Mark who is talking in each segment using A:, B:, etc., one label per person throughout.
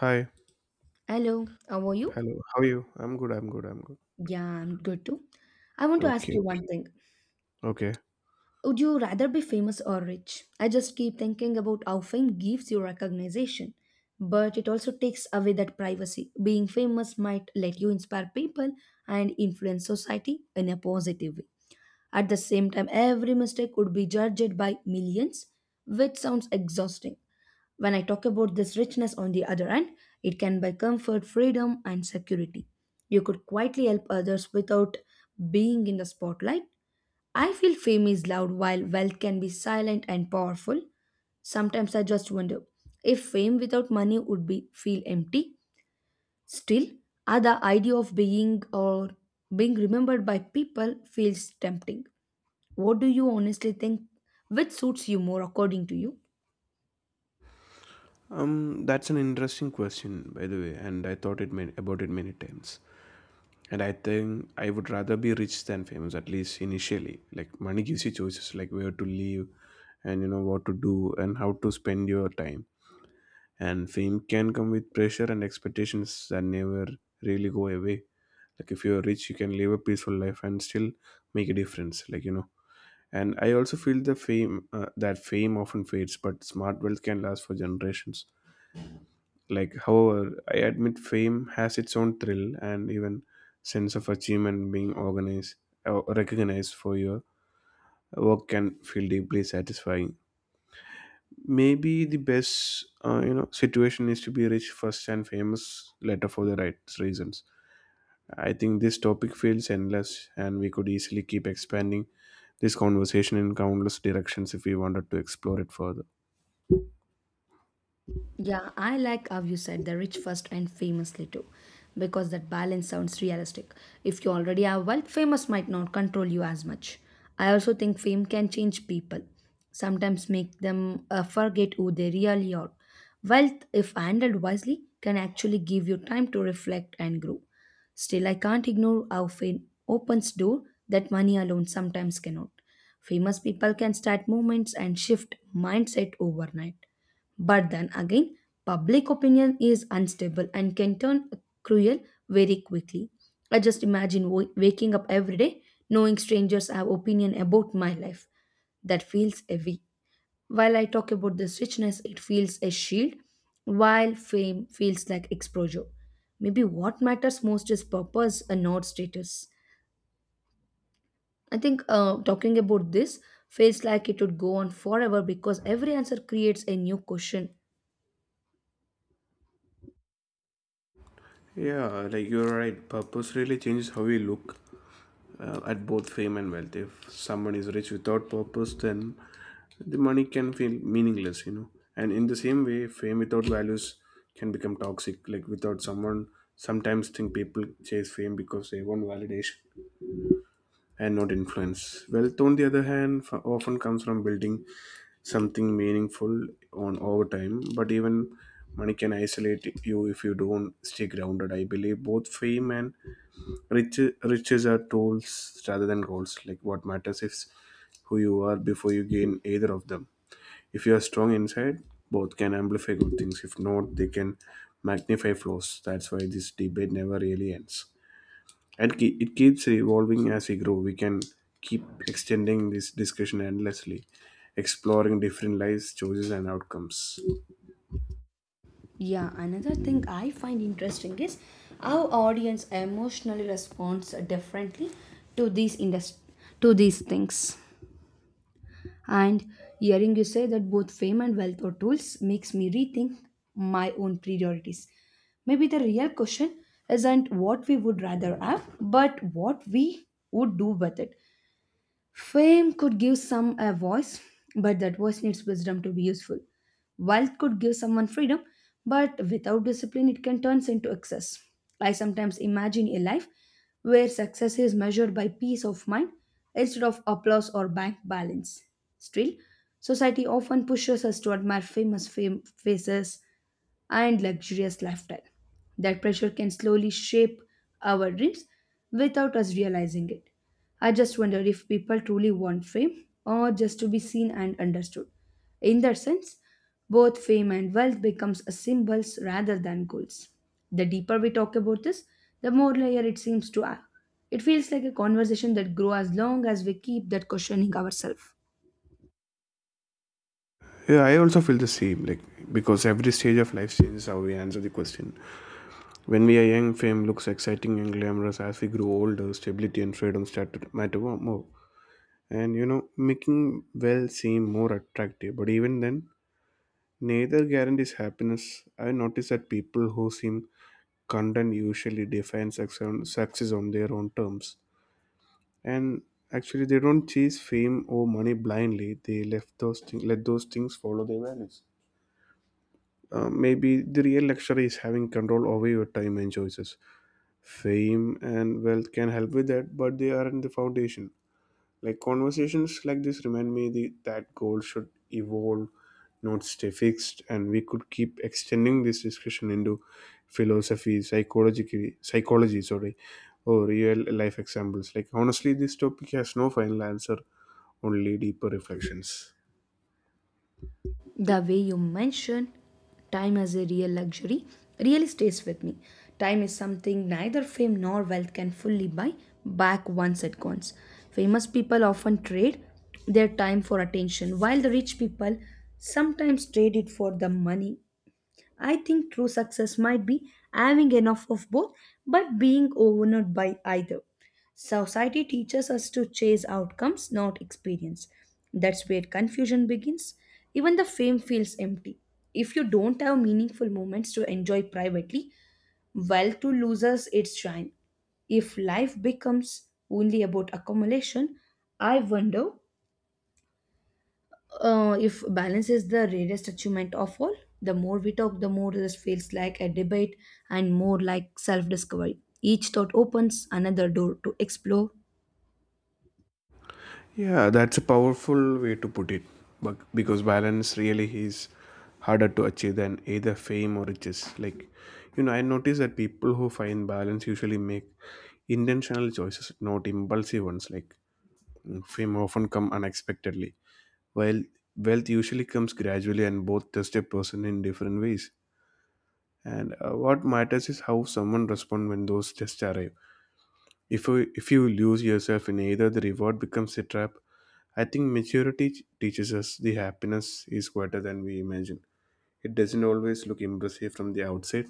A: Hi.
B: Hello, how are you?
A: Hello. How are you? I'm good. I'm good. I'm good.
B: Yeah, I'm good too. I want to ask
A: Okay.
B: you one thing.
A: Okay.
B: Would you rather be famous or rich? I just keep thinking about how fame gives you recognition, but it also takes away that privacy. Being famous might let you inspire people and influence society in a positive way. At the same time, every mistake would be judged by millions, which sounds exhausting. When I talk about this richness on the other hand, it can buy comfort, freedom, and security. You could quietly help others without being in the spotlight. I feel fame is loud while wealth can be silent and powerful. Sometimes I just wonder if fame without money would be feel empty. Still, the idea of being remembered by people feels tempting. What do you honestly think? Which suits you more according to you?
A: That's an interesting question, by the way, and I thought about it many times. And I think I would rather be rich than famous, at least initially. Like money gives you choices, like where to live, and what to do, and how to spend your time. And fame can come with pressure and expectations that never really go away. Like if you're rich, you can live a peaceful life and still make a difference. Like. And I also feel the fame that fame often fades, but smart wealth can last for generations. Like, however, I admit fame has its own thrill and even sense of achievement being organized or recognized for your work can feel deeply satisfying. Maybe the best, situation is to be rich first and famous later for the right reasons. I think this topic feels endless, and we could easily keep expanding this conversation in countless directions if we wanted to explore it further.
B: Yeah, I like how you said the rich first and famously too, because that balance sounds realistic. If you already have wealth, famous might not control you as much. I also think fame can change people, sometimes make them forget who they really are. Wealth, if handled wisely, can actually give you time to reflect and grow. Still, I can't ignore how fame opens door that money alone sometimes cannot. Famous people can start movements and shift mindset overnight. But then again, public opinion is unstable and can turn cruel very quickly. I just imagine waking up every day knowing strangers have opinion about my life. That feels heavy. While I talk about this richness, it feels a shield, while fame feels like exposure. Maybe what matters most is purpose and not status. I think talking about this feels like it would go on forever because every answer creates a new question.
A: Yeah, like you're right. Purpose really changes how we look at both fame and wealth. If someone is rich without purpose, then the money can feel meaningless. And in the same way, fame without values can become toxic. Like without someone, sometimes think people chase fame because they want validation and not influence. Wealth, on the other hand, often comes from building something meaningful on over time. But even money can isolate you if you don't stay grounded. I believe both fame and riches are tools rather than goals. Like what matters is who you are before you gain either of them. If you are strong inside, both can amplify good things. If not, they can magnify flaws. That's why this debate never really ends and it keeps evolving as we grow. We can keep extending this discussion endlessly, exploring different lives choices and outcomes.
B: Yeah, another thing I find interesting is how audience emotionally responds differently to these industry to these things. And hearing you say that both fame and wealth are tools makes me rethink my own priorities. Maybe the real question isn't what we would rather have, but what we would do with it. Fame could give some a voice, but that voice needs wisdom to be useful. Wealth could give someone freedom, but without discipline, it can turn into excess. I sometimes imagine a life where success is measured by peace of mind instead of applause or bank balance. Still, society often pushes us to admire famous fame faces, and luxurious lifestyle. That pressure can slowly shape our dreams without us realizing it. I just wonder if people truly want fame or just to be seen and understood. In that sense, both fame and wealth becomes a symbols rather than goals. The deeper we talk about this, the more layer it seems to add. It feels like a conversation that grows as long as we keep that questioning ourselves.
A: Yeah, I also feel the same, like, because every stage of life changes how we answer the question. When we are young, fame looks exciting and glamorous. As we grow older, stability and freedom start to matter more, and making well seem more attractive. But even then, neither guarantees happiness. I notice that people who seem content usually defines success on their own terms, and actually they don't chase fame or money blindly. They left those things let those things follow their values. Maybe the real luxury is having control over your time and choices. Fame and wealth can help with that, but they aren't the foundation. Like conversations like this remind me that goals should evolve, not stay fixed, and we could keep extending this discussion into philosophy, psychology, sorry, or real life examples. Like honestly, this topic has no final answer, only deeper reflections.
B: The way you mention time as a real luxury really stays with me. Time is something neither fame nor wealth can fully buy back once it goes. Famous people often trade their time for attention, while the rich people sometimes trade it for the money. I think true success might be having enough of both, but being overwhelmed by either. Society teaches us to chase outcomes, not experience. That's where confusion begins. Even the fame feels empty. If you don't have meaningful moments to enjoy privately, wealth to losers its shine. If life becomes only about accumulation, I wonder if balance is the rarest achievement of all, the more we talk, the more this feels like a debate and more like self discovery. Each thought opens another door to explore.
A: Yeah, that's a powerful way to put it. But because balance really is harder to achieve than either fame or riches. I notice that people who find balance usually make intentional choices, not impulsive ones. Like, fame often come unexpectedly, while wealth usually comes gradually, and both test a person in different ways. And what matters is how someone responds when those tests arrive. If you lose yourself in either, the reward becomes a trap. I think maturity teaches us the happiness is greater than we imagine. It doesn't always look impressive from the outset.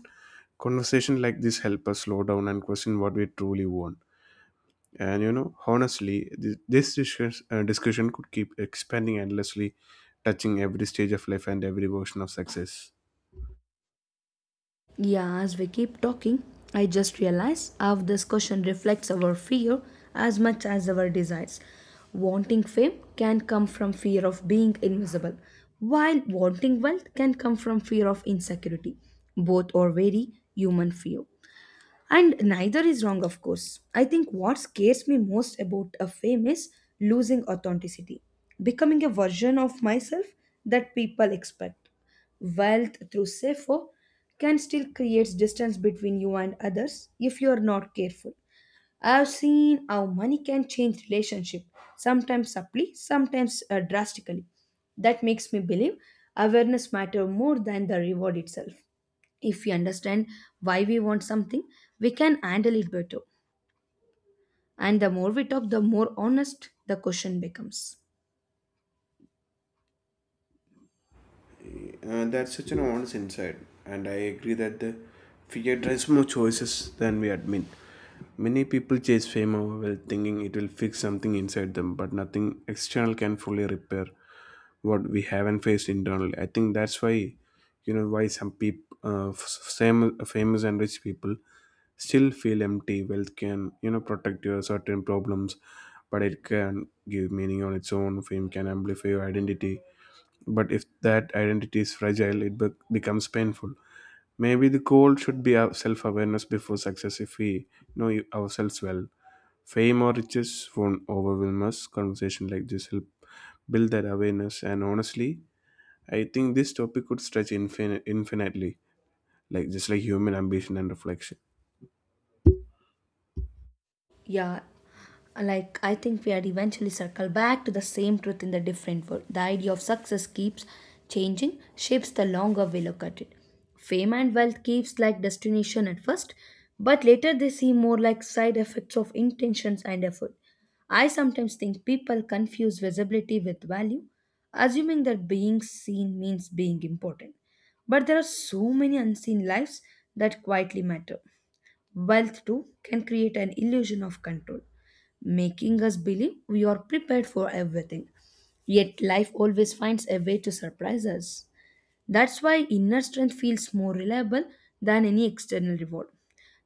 A: Conversation like this help us slow down and question what we truly want. And honestly, this discussion could keep expanding endlessly, touching every stage of life and every version of success.
B: Yeah, as we keep talking, I just realize how this question reflects our fear as much as our desires. Wanting fame can come from fear of being invisible, while wanting wealth can come from fear of insecurity. Both are very human fear. And neither is wrong, of course. I think what scares me most about a fame is losing authenticity, becoming a version of myself that people expect. Wealth through SEFO can still create distance between you and others if you are not careful. I have seen how money can change relationship, sometimes subtly, sometimes drastically. That makes me believe awareness matter more than the reward itself if we understand why we want something we can handle it better and the more we talk the more honest the question becomes.
A: That's such an honest insight, and I agree that the fear drives more choices than we admit. Many people chase fame or wealth thinking it will fix something inside them, but nothing external can fully repair what we haven't faced internally. I think that's why, why some people, f- same famous and rich people, still feel empty. Wealth can protect your certain problems, but it can give meaning on its own. Fame can amplify your identity, but if that identity is fragile, it becomes painful. Maybe the goal should be our self-awareness before success. If we know ourselves well, fame or riches won't overwhelm us. Conversation like this help build that awareness. And honestly, I think this topic could stretch infinitely, like just like human ambition and reflection.
B: Yeah, like I think we had eventually circled back to the same truth in the different world. The idea of success keeps changing, shapes the longer we look at it. Fame and wealth keeps like destination at first, but later they seem more like side effects of intentions and effort. I sometimes think people confuse visibility with value, assuming that being seen means being important. But there are so many unseen lives that quietly matter. Wealth, too, can create an illusion of control, making us believe we are prepared for everything. Yet, life always finds a way to surprise us. That's why inner strength feels more reliable than any external reward.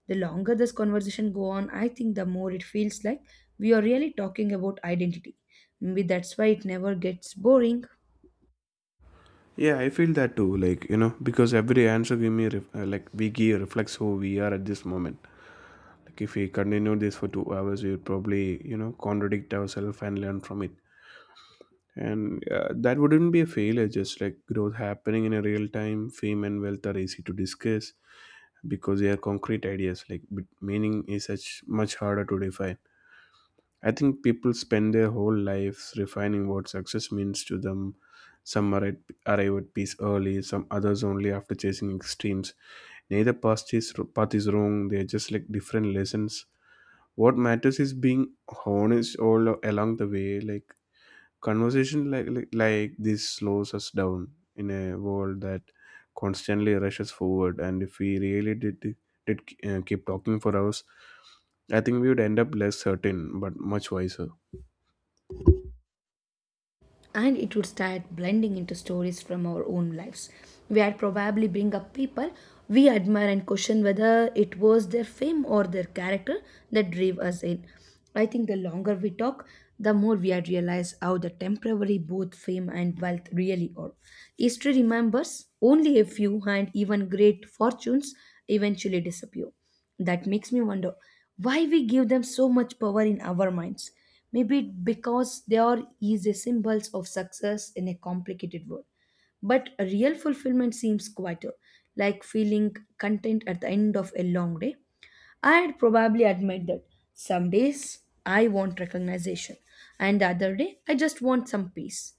B: The longer this conversation go on, I think the more it feels like we are really talking about identity. Maybe that's why it never gets boring.
A: Yeah, I feel that too. Because every answer we give reflects who we are at this moment. Like if we continue this for 2 hours, we would probably contradict ourselves and learn from it. And that wouldn't be a failure, just like growth happening in a real time. Fame and wealth are easy to discuss because they are concrete ideas, like, but meaning is such much harder to define. I think people spend their whole lives refining what success means to them. Some arrive at peace early, some others only after chasing extremes. Neither path is wrong, they're just like different lessons. What matters is being honest all along the way. Like conversation like this slows us down in a world that constantly rushes forward, and if we really did keep talking for hours, I think we would end up less certain but much wiser.
B: And it would start blending into stories from our own lives. We'd probably bring up people we admire and question whether it was their fame or their character that drove us in. I think the longer we talk, the more we are realize how the temporary both fame and wealth really are. History remembers only a few, and even great fortunes eventually disappear that makes me wonder why we give them so much power in our minds. Maybe because they are easy symbols of success in a complicated world. But a real fulfillment seems quieter, like feeling content at the end of a long day. I'd probably admit that some days I want recognition, and the other day I just want some peace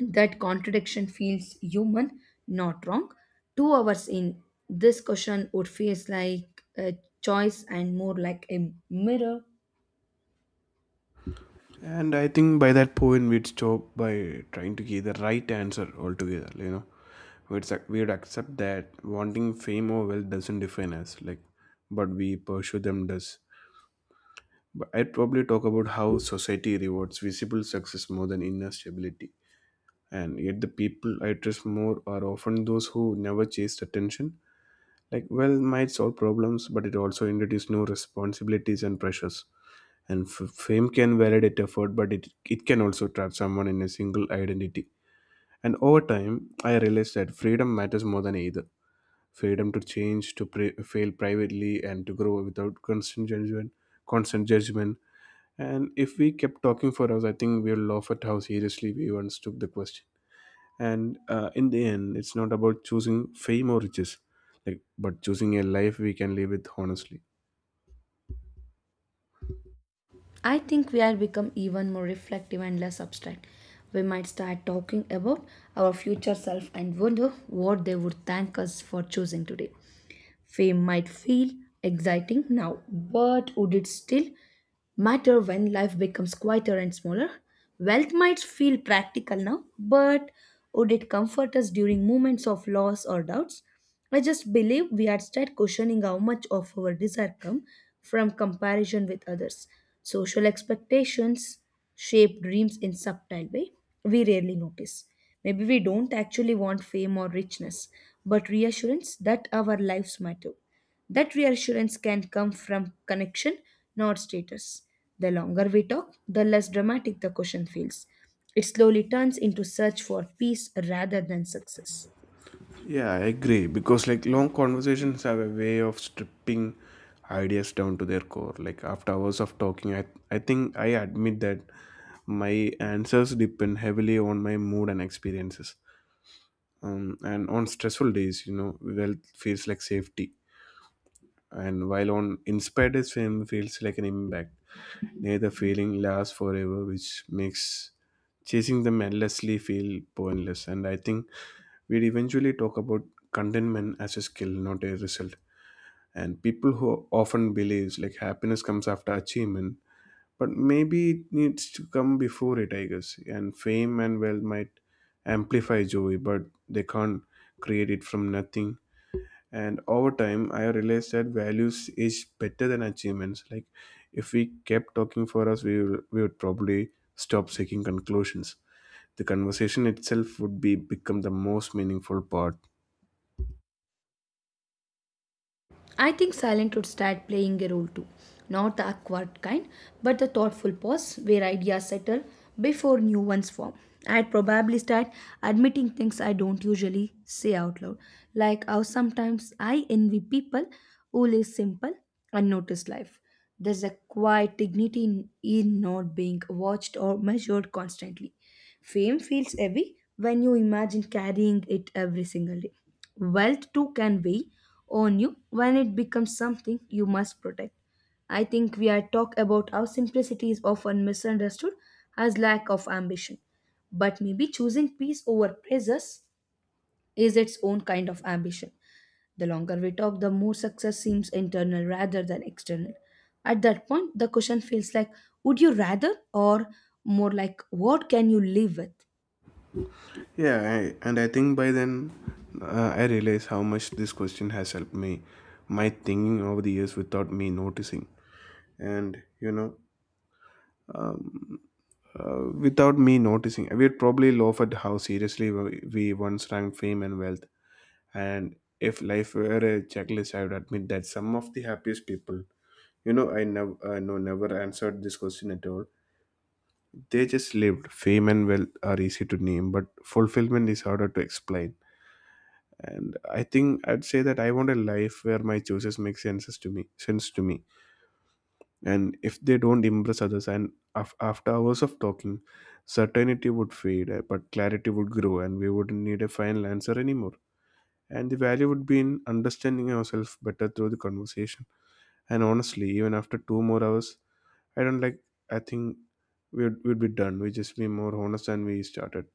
B: that contradiction feels human, not wrong. 2 hours in, this question would feel like a choice and more like a mirror.
A: And I think by that point we'd stop by trying to get the right answer altogether. We'd accept that wanting fame or wealth doesn't define us, like, but we pursue them does. But I'd probably talk about how society rewards visible success more than inner stability. And yet, the people I trust more are often those who never chased attention. Like wealth might solve problems, but it also introduces new responsibilities and pressures. And fame can validate effort, but it can also trap someone in a single identity. And over time, I realized that freedom matters more than either. Freedom to change, to fail privately, and to grow without constant judgment. Constant judgment and if we kept talking for hours, I think we'll laugh at how seriously we once took the question. And in the end, it's not about choosing fame or riches, like, but choosing a life we can live with honestly.
B: I think we are become even more reflective and less abstract. We might start talking about our future self and wonder what they would thank us for choosing today. Fame might feel exciting now, but would it still matter when life becomes quieter and smaller? Wealth might feel practical now, but would it comfort us during moments of loss or doubts? I just believe we had started questioning how much of our desire come from comparison with others. Social expectations shape dreams in subtle way we rarely notice. Maybe we don't actually want fame or richness, but reassurance that our lives matter. That reassurance can come from connection, not status. The longer we talk, the less dramatic the question feels. It slowly turns into search for peace rather than success.
A: Yeah, I agree. Because like long conversations have a way of stripping ideas down to their core. Like after hours of talking, I think I admit that my answers depend heavily on my mood and experiences. And on stressful days, wealth feels like safety, and while on inspired his film feels like an impact. Nay, the feeling lasts forever, which makes chasing them endlessly feel pointless. And I think we'd eventually talk about contentment as a skill, not a result. And people who often believes like happiness comes after achievement, but maybe it needs to come before it, I guess. And fame and wealth might amplify joy, but they can't create it from nothing. And over time I realized that values is better than achievements. Like if we kept talking for us, we would probably stop seeking conclusions. The conversation itself would be become the most meaningful part.
B: I think silent would start playing a role too. Not the awkward kind, but the thoughtful pause where ideas settle before new ones form. I'd probably start admitting things I don't usually say out loud, like how sometimes I envy people who live simple, unnoticed life. There's a quiet dignity in not being watched or measured constantly. Fame feels heavy when you imagine carrying it every single day. Wealth too can weigh on you when it becomes something you must protect. I think we are talk about how simplicity is often misunderstood as lack of ambition. But maybe choosing peace over praises is its own kind of ambition. The longer we talk, the more success seems internal rather than external. At that point, the question feels like would you rather or more like what can you live with?
A: Yeah, and I think by then, I realized how much this question has helped me my thinking over the years without me noticing. And without me noticing, we'd probably laugh at how seriously we once ranked fame and wealth. And if life were a checklist, I would admit that some of the happiest people, I never answered this question at all. They just lived. Fame and wealth are easy to name, but fulfillment is harder to explain. And I think I'd say that I want a life where my choices make sense to me. And if they don't impress others, and after hours of talking, certainty would fade, but clarity would grow, and we wouldn't need a final answer anymore. And the value would be in understanding ourselves better through the conversation. And honestly, even after 2 more hours, I don't like I think we'd be done. We just be more honest than we started.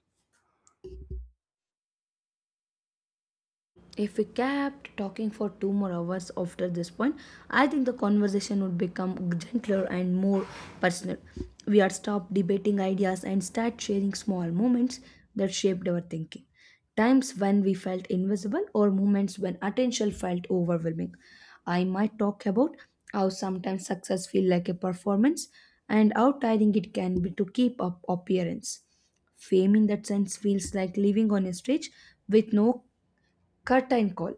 B: If we kept talking for 2 more hours after this point, I think the conversation would become gentler and more personal. We had stopped debating ideas and start sharing small moments that shaped our thinking. Times when we felt invisible or moments when attention felt overwhelming. I might talk about how sometimes success feels like a performance and how tiring it can be to keep up appearance. Fame in that sense feels like living on a stage with no curtain call.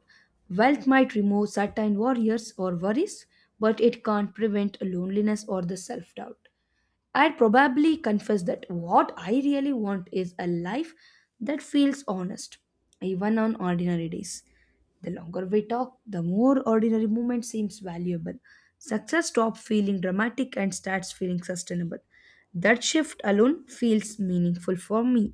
B: Wealth might remove certain worries or worries, but it can't prevent loneliness or the self doubt. I'd probably confess that what I really want is a life that feels honest, even on ordinary days. The longer we talk, the more ordinary moment seems valuable. Success stops feeling dramatic and starts feeling sustainable. That shift alone feels meaningful for me.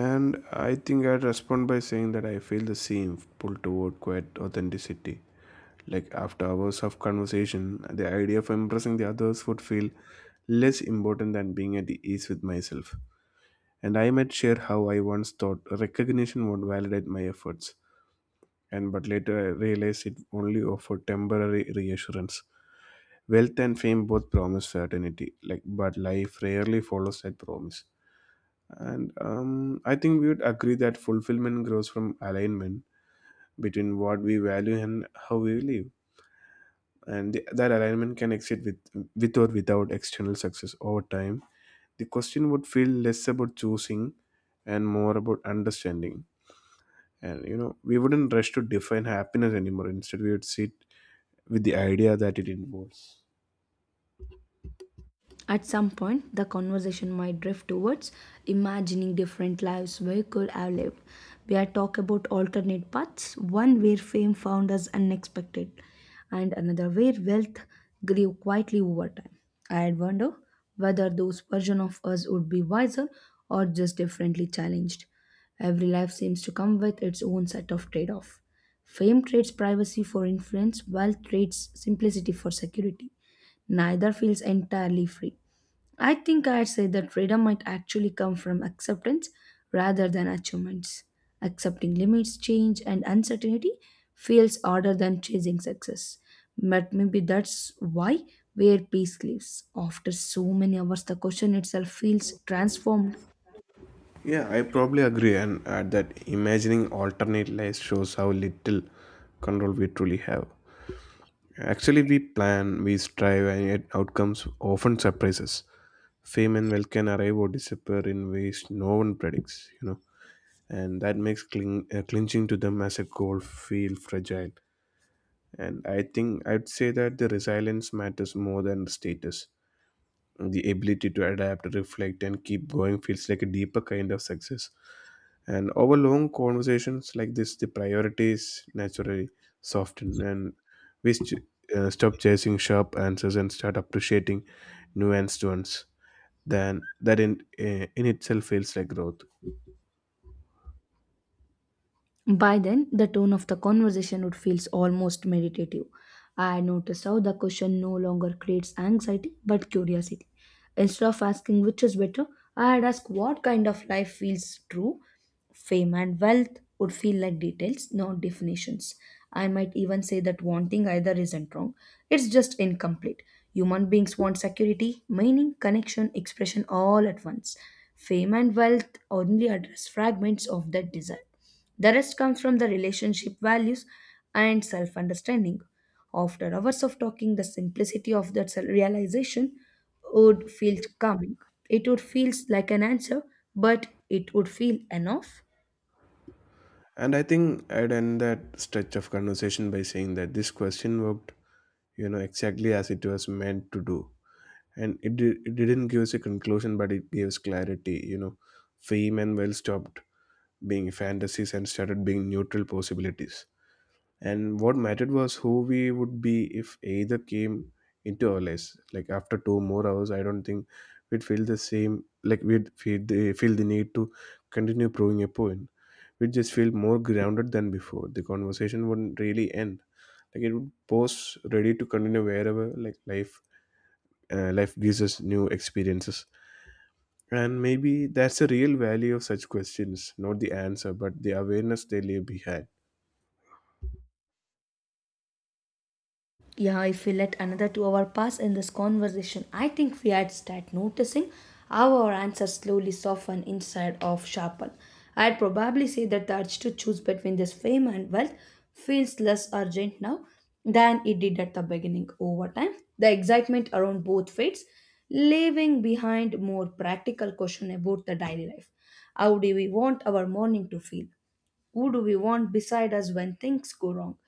A: And I think I'd respond by saying that I feel the same pull toward quiet authenticity. Like after hours of conversation, the idea of impressing the others would feel less important than being at the ease with myself. And I might share how I once thought recognition would validate my efforts, and but later I realized it only offered temporary reassurance. Wealth and fame both promise certainty, like but life rarely follows that promise. And I think we would agree that fulfillment grows from alignment between what we value and how we live, and that alignment can exist with or without external success over time. The question would feel less about choosing and more about understanding. We wouldn't rush to define happiness anymore. Instead, we would sit with the idea that it involves.
B: At some point, the conversation might drift towards imagining different lives we could have lived, where talk about alternate paths, one where fame found us unexpected, and another where wealth grew quietly over time. I'd wonder whether those versions of us would be wiser or just differently challenged. Every life seems to come with its own set of trade-off. Fame trades privacy for influence, wealth trades simplicity for security, neither feels entirely free. I think I'd say that freedom might actually come from acceptance rather than achievements. Accepting limits, change, and uncertainty feels harder than chasing success. But maybe that's why where peace lives. After so many hours, the question itself feels transformed.
A: Yeah, I probably agree, and add that imagining alternate lives shows how little control we truly have. Actually, we plan, we strive, and yet outcomes often surprise us. Fame and wealth can arrive or disappear in ways no one predicts, you know, and that makes clinching to them as a goal feel fragile. And I think I'd say that the resilience matters more than status. The ability to adapt, reflect, and keep going feels like a deeper kind of success. And over long conversations like this, the priorities naturally soften, and we st- stop chasing sharp answers and start appreciating nuanced ones. Then that in itself feels like growth.
B: By then, the tone of the conversation would feel almost meditative. I noticed how the question no longer creates anxiety but curiosity. Instead of asking which is better, I had asked what kind of life feels true. Fame and wealth would feel like details, not definitions. I might even say that wanting either isn't wrong, it's just incomplete. Human beings want security, meaning, connection, expression all at once. Fame and wealth only address fragments of that desire. The rest comes from the relationship values and self understanding. After hours of talking, the simplicity of that realization would feel calming. It would feel like an answer, but it would feel enough.
A: And I think I'd end that stretch of conversation by saying that this question worked, you know, exactly as it was meant to do. And it didn't give us a conclusion, but it gave us clarity, you know. Fame and well stopped being fantasies and started being neutral possibilities. And what mattered was who we would be if either came into our lives. Like after two more hours, I don't think we'd feel the same. Like we'd feel feel the need to continue proving a point. We'd just feel more grounded than before. The conversation wouldn't really end. Like it would pause ready to continue wherever like life gives us new experiences. And maybe that's the real value of such questions, not the answer, but the awareness they leave behind.
B: Yeah, if we let another 2 hour pass in this conversation, I think we had start noticing how our answers slowly soften inside of sharpen. I'd probably say that the urge to choose between this fame and wealth feels less urgent now than it did at the beginning over time. The excitement around both fades, leaving behind more practical question about the daily life. How do we want our morning to feel? Who do we want beside us when things go wrong?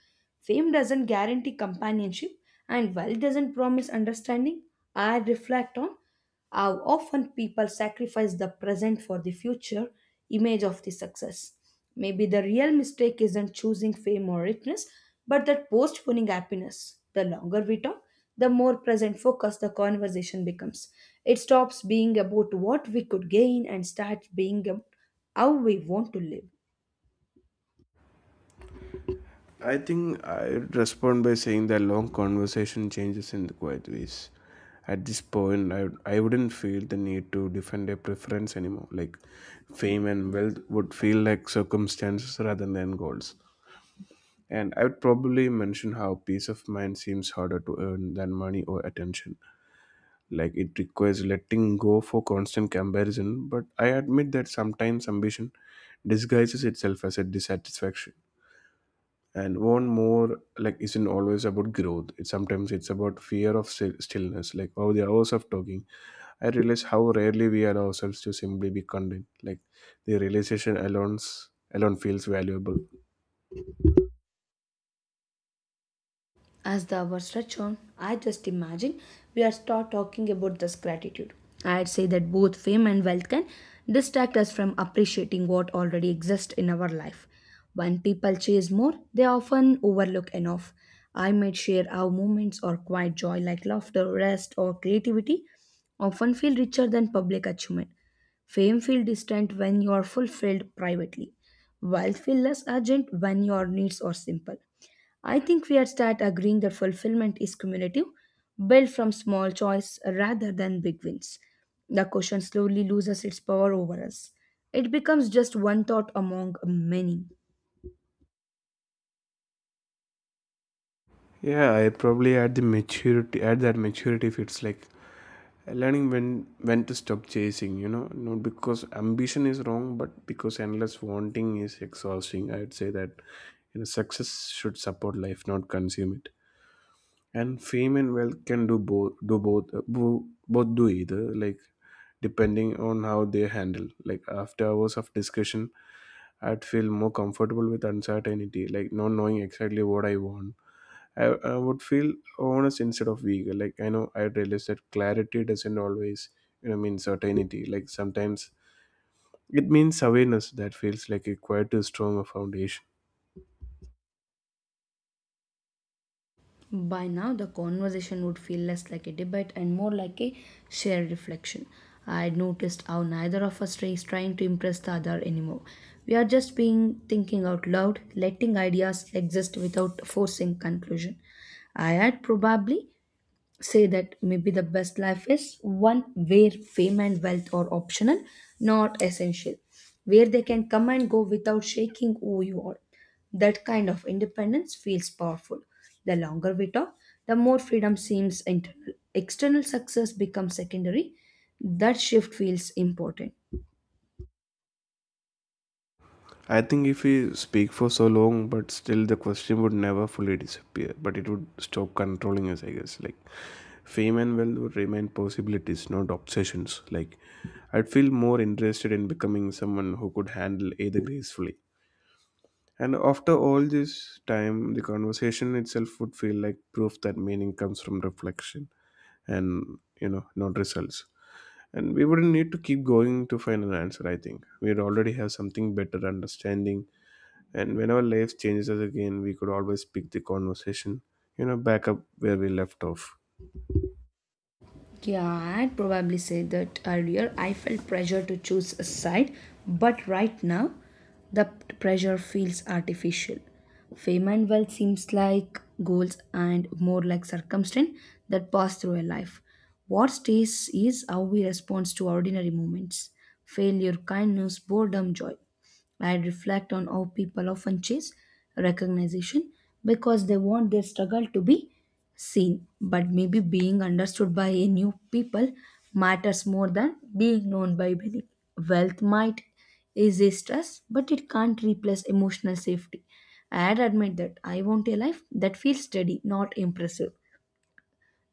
B: Fame doesn't guarantee companionship, and while it doesn't promise understanding, I reflect on how often people sacrifice the present for the future image of the success. Maybe the real mistake isn't choosing fame or richness, but that postponing happiness. The longer we talk, the more present focused the conversation becomes. It stops being about what we could gain and starts being about how we want to live.
A: I think I'd respond by saying that long conversation changes in the quiet ways. At this point, I wouldn't feel the need to defend a preference anymore. Like fame and wealth would feel like circumstances rather than goals. And I would probably mention how peace of mind seems harder to earn than money or attention. Like it requires letting go for constant comparison, but I admit that sometimes ambition disguises itself as a dissatisfaction and one more like isn't always about growth. It sometimes it's about stillness, like over the hours of talking I realize how rarely we allow ourselves to simply be content, like the realization alone feels valuable.
B: As the hours stretch on, I just imagine we are start talking about this gratitude. I'd say that both fame and wealth can distract us from appreciating what already exists in our life. When people chase more, they often overlook enough. I might share our moments or quiet joy like laughter, rest, or creativity often feel richer than public achievement. Fame feel distant when you are fulfilled privately. Wealth feel less urgent when your needs are simple. I think we had start agreeing that fulfillment is cumulative, built from small choice rather than big wins. The question slowly loses its power over us. It becomes just one thought among many.
A: Yeah, I probably at that maturity if it's like learning when to stop chasing, you know, not because ambition is wrong but because endless wanting is exhausting. I'd say that, you know, success should support life not consume it, and fame and wealth can both do either, like depending on how they handle. Like after hours of discussion, I'd feel more comfortable with uncertainty, like not knowing exactly what I want. I would feel honest instead of eager. Like I know I realize that clarity doesn't always, you know, mean certainty, like sometimes it means awareness that feels like a quite a strong foundation.
B: By now, the conversation would feel less like a debate and more like a shared reflection. I had noticed how neither of us is trying to impress the other anymore. We are just being thinking out loud, letting ideas exist without forcing conclusion. I had probably say that maybe the best life is one where fame and wealth are optional, not essential, where they can come and go without shaking who you are. That kind of independence feels powerful. The longer we talk, the more freedom seems internal. External success becomes secondary. That shift feels important.
A: I think if we speak for so long, but still the question would never fully disappear, but it would stop controlling us, I guess. Like fame and wealth would remain possibilities, not obsessions. Like I'd feel more interested in becoming someone who could handle either gracefully. And after all this time, the conversation itself would feel like proof that meaning comes from reflection and, you know, not results. And we wouldn't need to keep going to find an answer, I think. We'd already have something better understanding, and whenever life changes us again, we could always pick the conversation, you know, back up where we left off.
B: Yeah, I'd probably said that earlier I felt pressure to choose a side, but right now the pressure feels artificial. Fame and wealth seems like goals and more like circumstance that pass through a life. What stays is how we respond to ordinary moments. Failure, kindness, boredom, joy. I reflect on how people often chase recognition because they want their struggle to be seen, but maybe being understood by a new people matters more than being known by many. Wealth might is a stress, but it can't replace emotional safety. I'd admit that I want a life that feels steady, not impressive.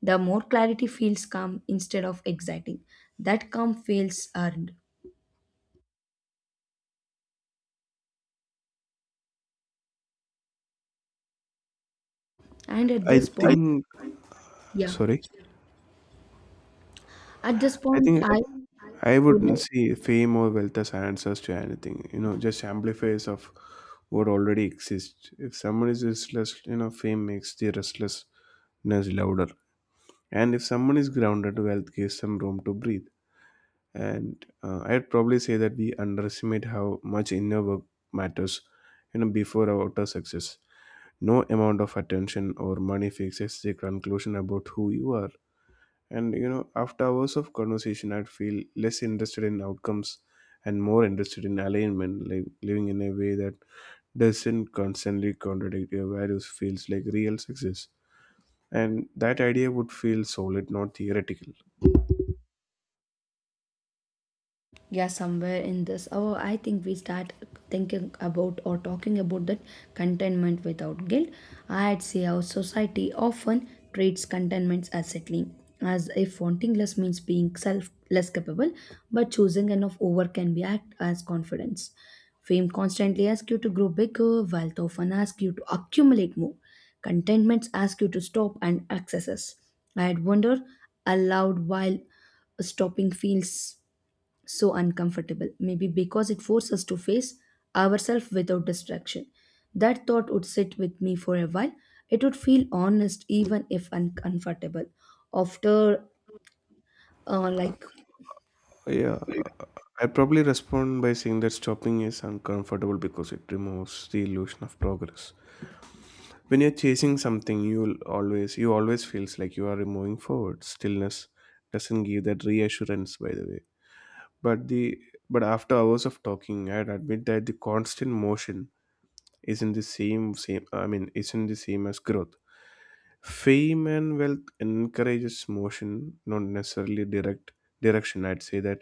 B: The more clarity feels calm instead of exciting. That calm feels earned. And at
A: I
B: this point,
A: think,
B: yeah,
A: sorry,
B: at this
A: I
B: point,
A: think
B: I
A: I
B: would.
A: wouldn't see fame or wealth as answers to anything, you know, just amplifiers of what already exists. If someone is restless, you know, fame makes the restlessness louder. And if someone is grounded, wealth gives them room to breathe. And I'd probably say that we underestimate how much inner work matters, you know, before our outer success. No amount of attention or money fixes the conclusion about who you are, and, you know, after hours of conversation I'd feel less interested in outcomes and more interested in alignment, like living in a way that doesn't constantly contradict your values feels like real success, and that idea would feel solid not theoretical.
B: Yeah, somewhere in this, oh, I think we start thinking about or talking about that contentment without guilt. I'd say our society often treats contentment as settling, as if wanting less means being self less capable, but choosing enough over can be act as confidence. Fame constantly asks you to grow bigger, wealth often asks you to accumulate more, contentments ask you to stop and accesses. I'd wonder aloud while stopping feels so uncomfortable, maybe because it forced us to face ourselves without distraction. That thought would sit with me for a while. It would feel honest, even if uncomfortable. After, uh, like,
A: Yeah, I'd probably respond by saying that stopping is uncomfortable because it removes the illusion of progress. When you're chasing something you always feels like you are moving forward. Stillness doesn't give that reassurance, by the way. but the but after hours of talking, I'd admit that the constant motion isn't the same same I mean isn't the same as growth. Fame and wealth encourages motion, not necessarily direction. I'd say that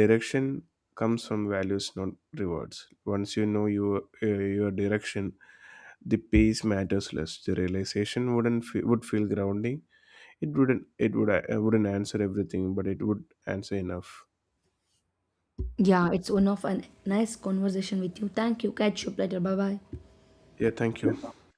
A: direction comes from values not rewards. Once you know your direction, the pace matters less. The realization wouldn't fe- would feel grounding. It wouldn't answer everything, but it would answer enough.
B: yeah, it's one of a nice conversation with you. Thank you. Catch you later. Bye
A: Yeah, thank you.
B: bye.